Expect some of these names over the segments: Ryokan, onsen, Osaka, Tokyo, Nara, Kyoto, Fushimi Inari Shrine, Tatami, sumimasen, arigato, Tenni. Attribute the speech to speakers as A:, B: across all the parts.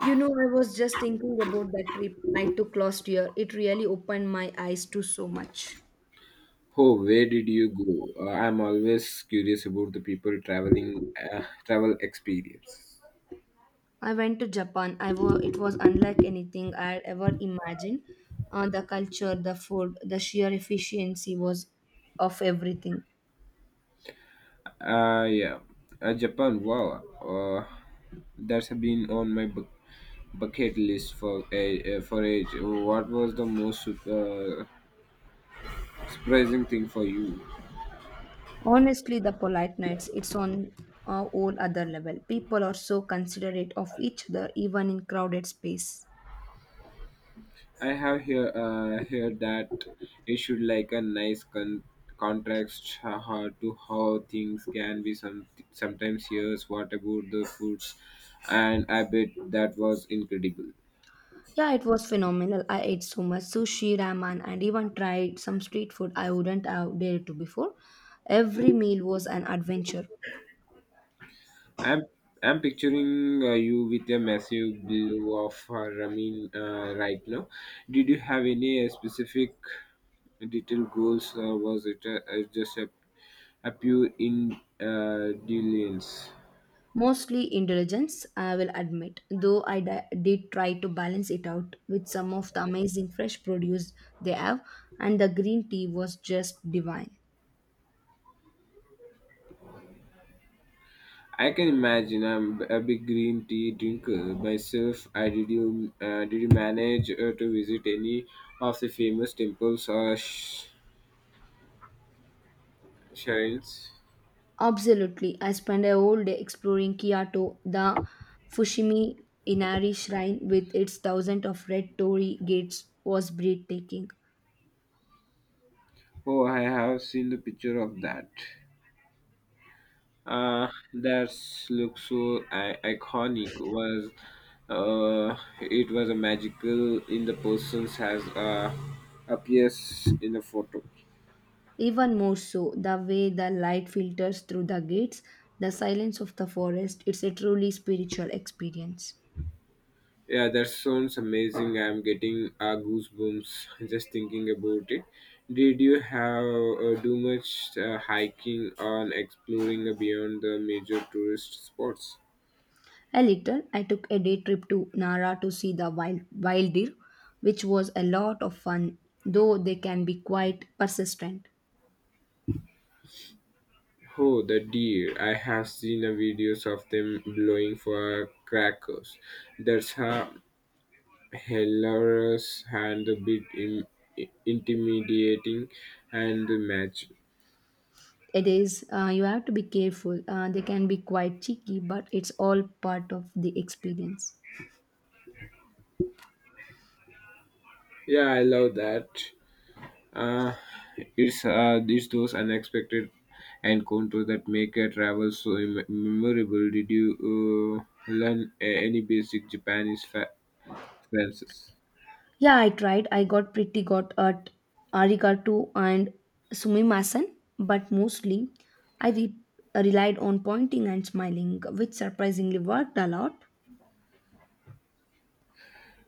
A: You know, I was just thinking about that trip I took last year. It really opened my eyes to so much.
B: Oh, where did you go? I'm always curious about the people traveling travel experience.
A: I went to Japan. It was unlike anything I had ever imagined. The culture, the food, the sheer efficiency was of everything.
B: Uh, yeah, Japan. Wow, that's been on my bucket list for a for age. What was the most surprising thing for you?
A: Honestly, the polite nights, it's on a whole other level. People are so considerate of each other, even in crowded space.
B: I have here heard that it should like a nice contrast to how things can be sometimes here. What about the foods? And I bet that was incredible.
A: Yeah, it was phenomenal. I ate so much sushi, ramen, and even tried some street food I wouldn't have dared to before. Every meal was an adventure,
B: I'm I'm picturing you with a massive blow of ramen right now. Did you have any specific detailed goals, or was it just a pure in dealings?
A: mostly indulgence, I will admit, though did try to balance it out with some of the amazing fresh produce they have, and the green tea was just divine.
B: I can imagine I'm a big green tea drinker myself. I did you manage to visit any of the famous temples or shrines?
A: Absolutely, I spent a whole day exploring Kyoto, the Fushimi Inari Shrine with its thousands of red torii gates was breathtaking.
B: Oh, I have seen the picture of that. That looks so iconic. Was It was a magical in the person's has appears in the photo.
A: Even more so, the way the light filters through the gates, the silence of the forest, it's a truly spiritual experience.
B: Yeah, that sounds amazing. I'm getting goosebumps just thinking about it. Did you have do much hiking on exploring beyond the major tourist spots?
A: A little, I took a day trip to Nara to see the wild deer, which was a lot of fun, though they can be quite persistent.
B: Oh, the deer! I have seen videos of them blowing for crackers. That's a hilarious and a bit intimidating and magic.
A: It is, you have to be careful, they can be quite cheeky, but it's all part of the experience.
B: Yeah, I love that. Uh, it's those unexpected encounters that make a travel so memorable. Did you learn any basic Japanese phrases?
A: Yeah, I tried. I got pretty good at arigato and sumimasen, but mostly I re- relied on pointing and smiling, which surprisingly worked a lot.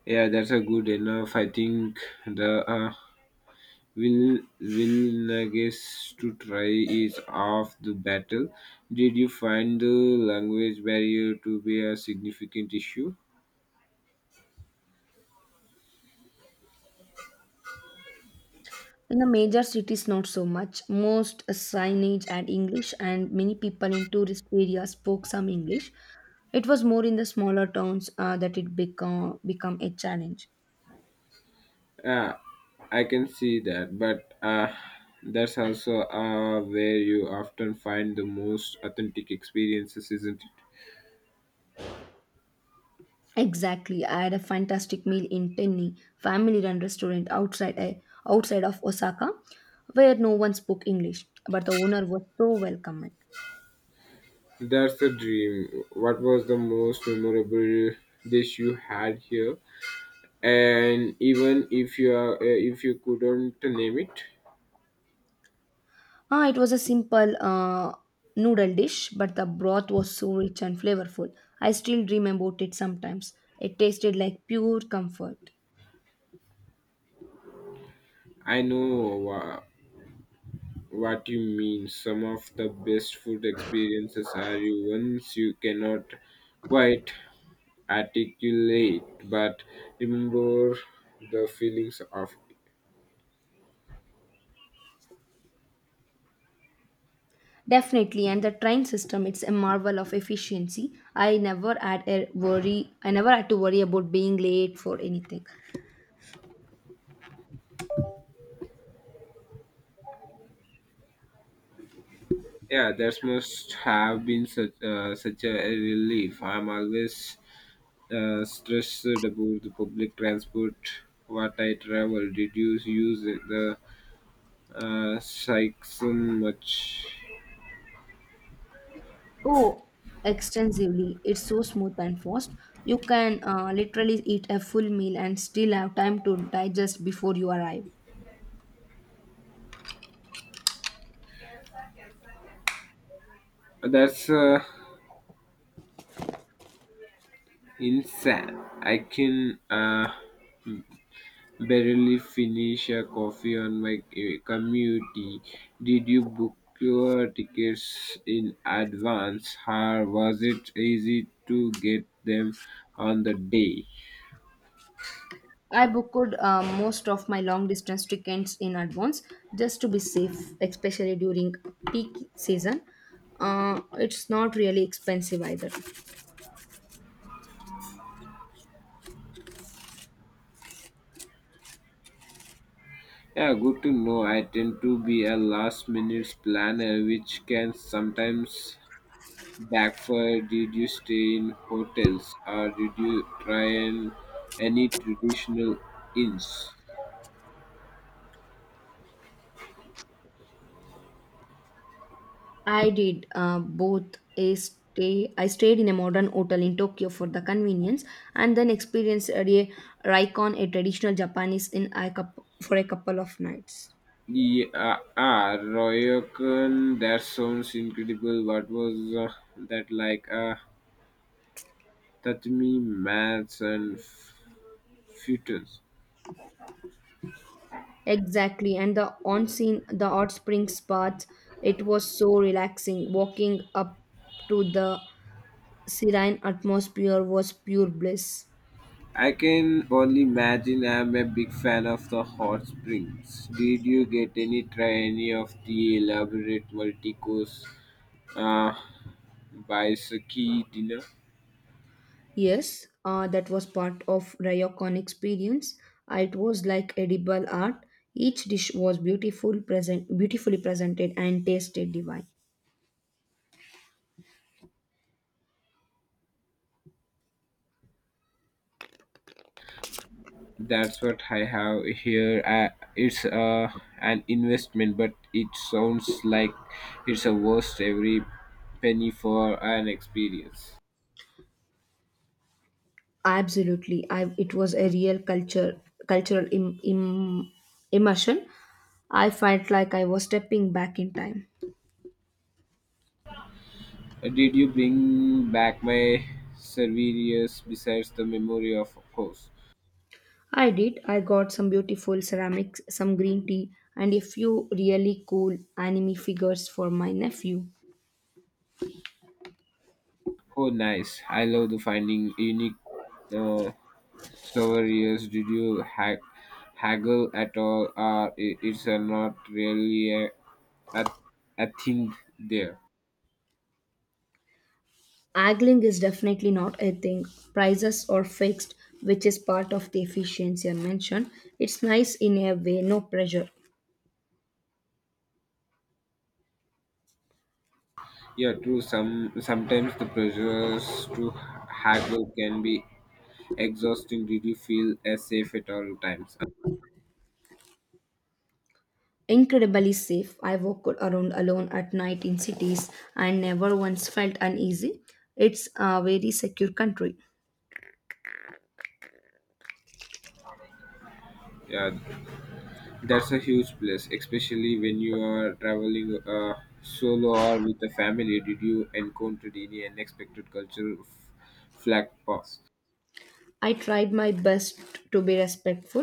B: Yeah, that's a good enough. I think the willingness to try is half the battle. Did you find the language barrier to be a significant issue?
A: In the major cities, not so much. Most signage had English, and many people in tourist areas spoke some English. It was more in the smaller towns that it become a challenge.
B: Yeah, I can see that, but that's also where you often find the most authentic experiences, isn't it?
A: Exactly. I had a fantastic meal in Tenni, family-run restaurant outside of Osaka, where no one spoke English, but the owner was so welcoming.
B: That's the dream. What was the most memorable dish you had here? And even if you are, if you couldn't name it,
A: Ah, it was a simple noodle dish, but the broth was so rich and flavorful. I still dream about it sometimes. It tasted like pure comfort.
B: I know what you mean. Some of the best food experiences are you ones you cannot quite articulate but remember the feelings of it.
A: Definitely, and the train system, it's a marvel of efficiency. I never had a worry. I never had to worry about being late for anything.
B: Yeah, that must have been such, such a relief. I'm always stressed about the public transport. What I travel did you use the cycle much?
A: Oh, extensively. It's so smooth and fast. You can literally eat a full meal and still have time to digest before you arrive.
B: That's insane. I can barely finish a coffee on my commute. Did you book your tickets in advance, or was it easy to get them on the day?
A: I booked most of my long distance tickets in advance just to be safe, especially during peak season. It's not really expensive either.
B: Yeah, good to know. I tend to be a last minute planner, which can sometimes backfire. Did you stay in hotels, or did you try and any traditional inns?
A: I did both. I stayed in a modern hotel in Tokyo for the convenience, and then experienced Raikon, a traditional Japanese, in for a couple of nights.
B: Yeah, ah, Royokan, that sounds incredible. What was that like? Tatami, maths, and futures.
A: Exactly, and the onsen, the hot springs baths, it was so relaxing. Walking up to the serene atmosphere was pure bliss.
B: I can only imagine I'm a big fan of the hot springs. Did you get any try any of the elaborate multi course uh, bicycle dinner?
A: Yes, that was part of Ryokon experience. It was like edible art. Each dish was beautiful, beautifully presented, and tasted divine.
B: That's what I have here. It's An investment, but it sounds like it's a worth every penny for an experience.
A: Absolutely, it was a real cultural immersion. I felt like I was stepping back in time.
B: Did you bring back my souvenirs besides the memory of course?
A: I did. I got some beautiful ceramics, some green tea, and a few really cool anime figures for my nephew.
B: Oh, nice! I love the finding unique uh, souvenirs. Did you haggle at all, or it's not really a, a thing there?
A: Angling is definitely not a thing. Prices are fixed, which is part of the efficiency I mentioned. It's nice in a way, no pressure.
B: Yeah, true. Sometimes the pressures to haggle can be exhausting. Did you feel as safe at all times?
A: Incredibly safe. I walk around alone at night in cities and never once felt uneasy. It's a very secure country.
B: Yeah, that's a huge plus, especially when you are traveling solo or with a family. Did you encounter any unexpected cultural flag paths?
A: I tried my best to be respectful.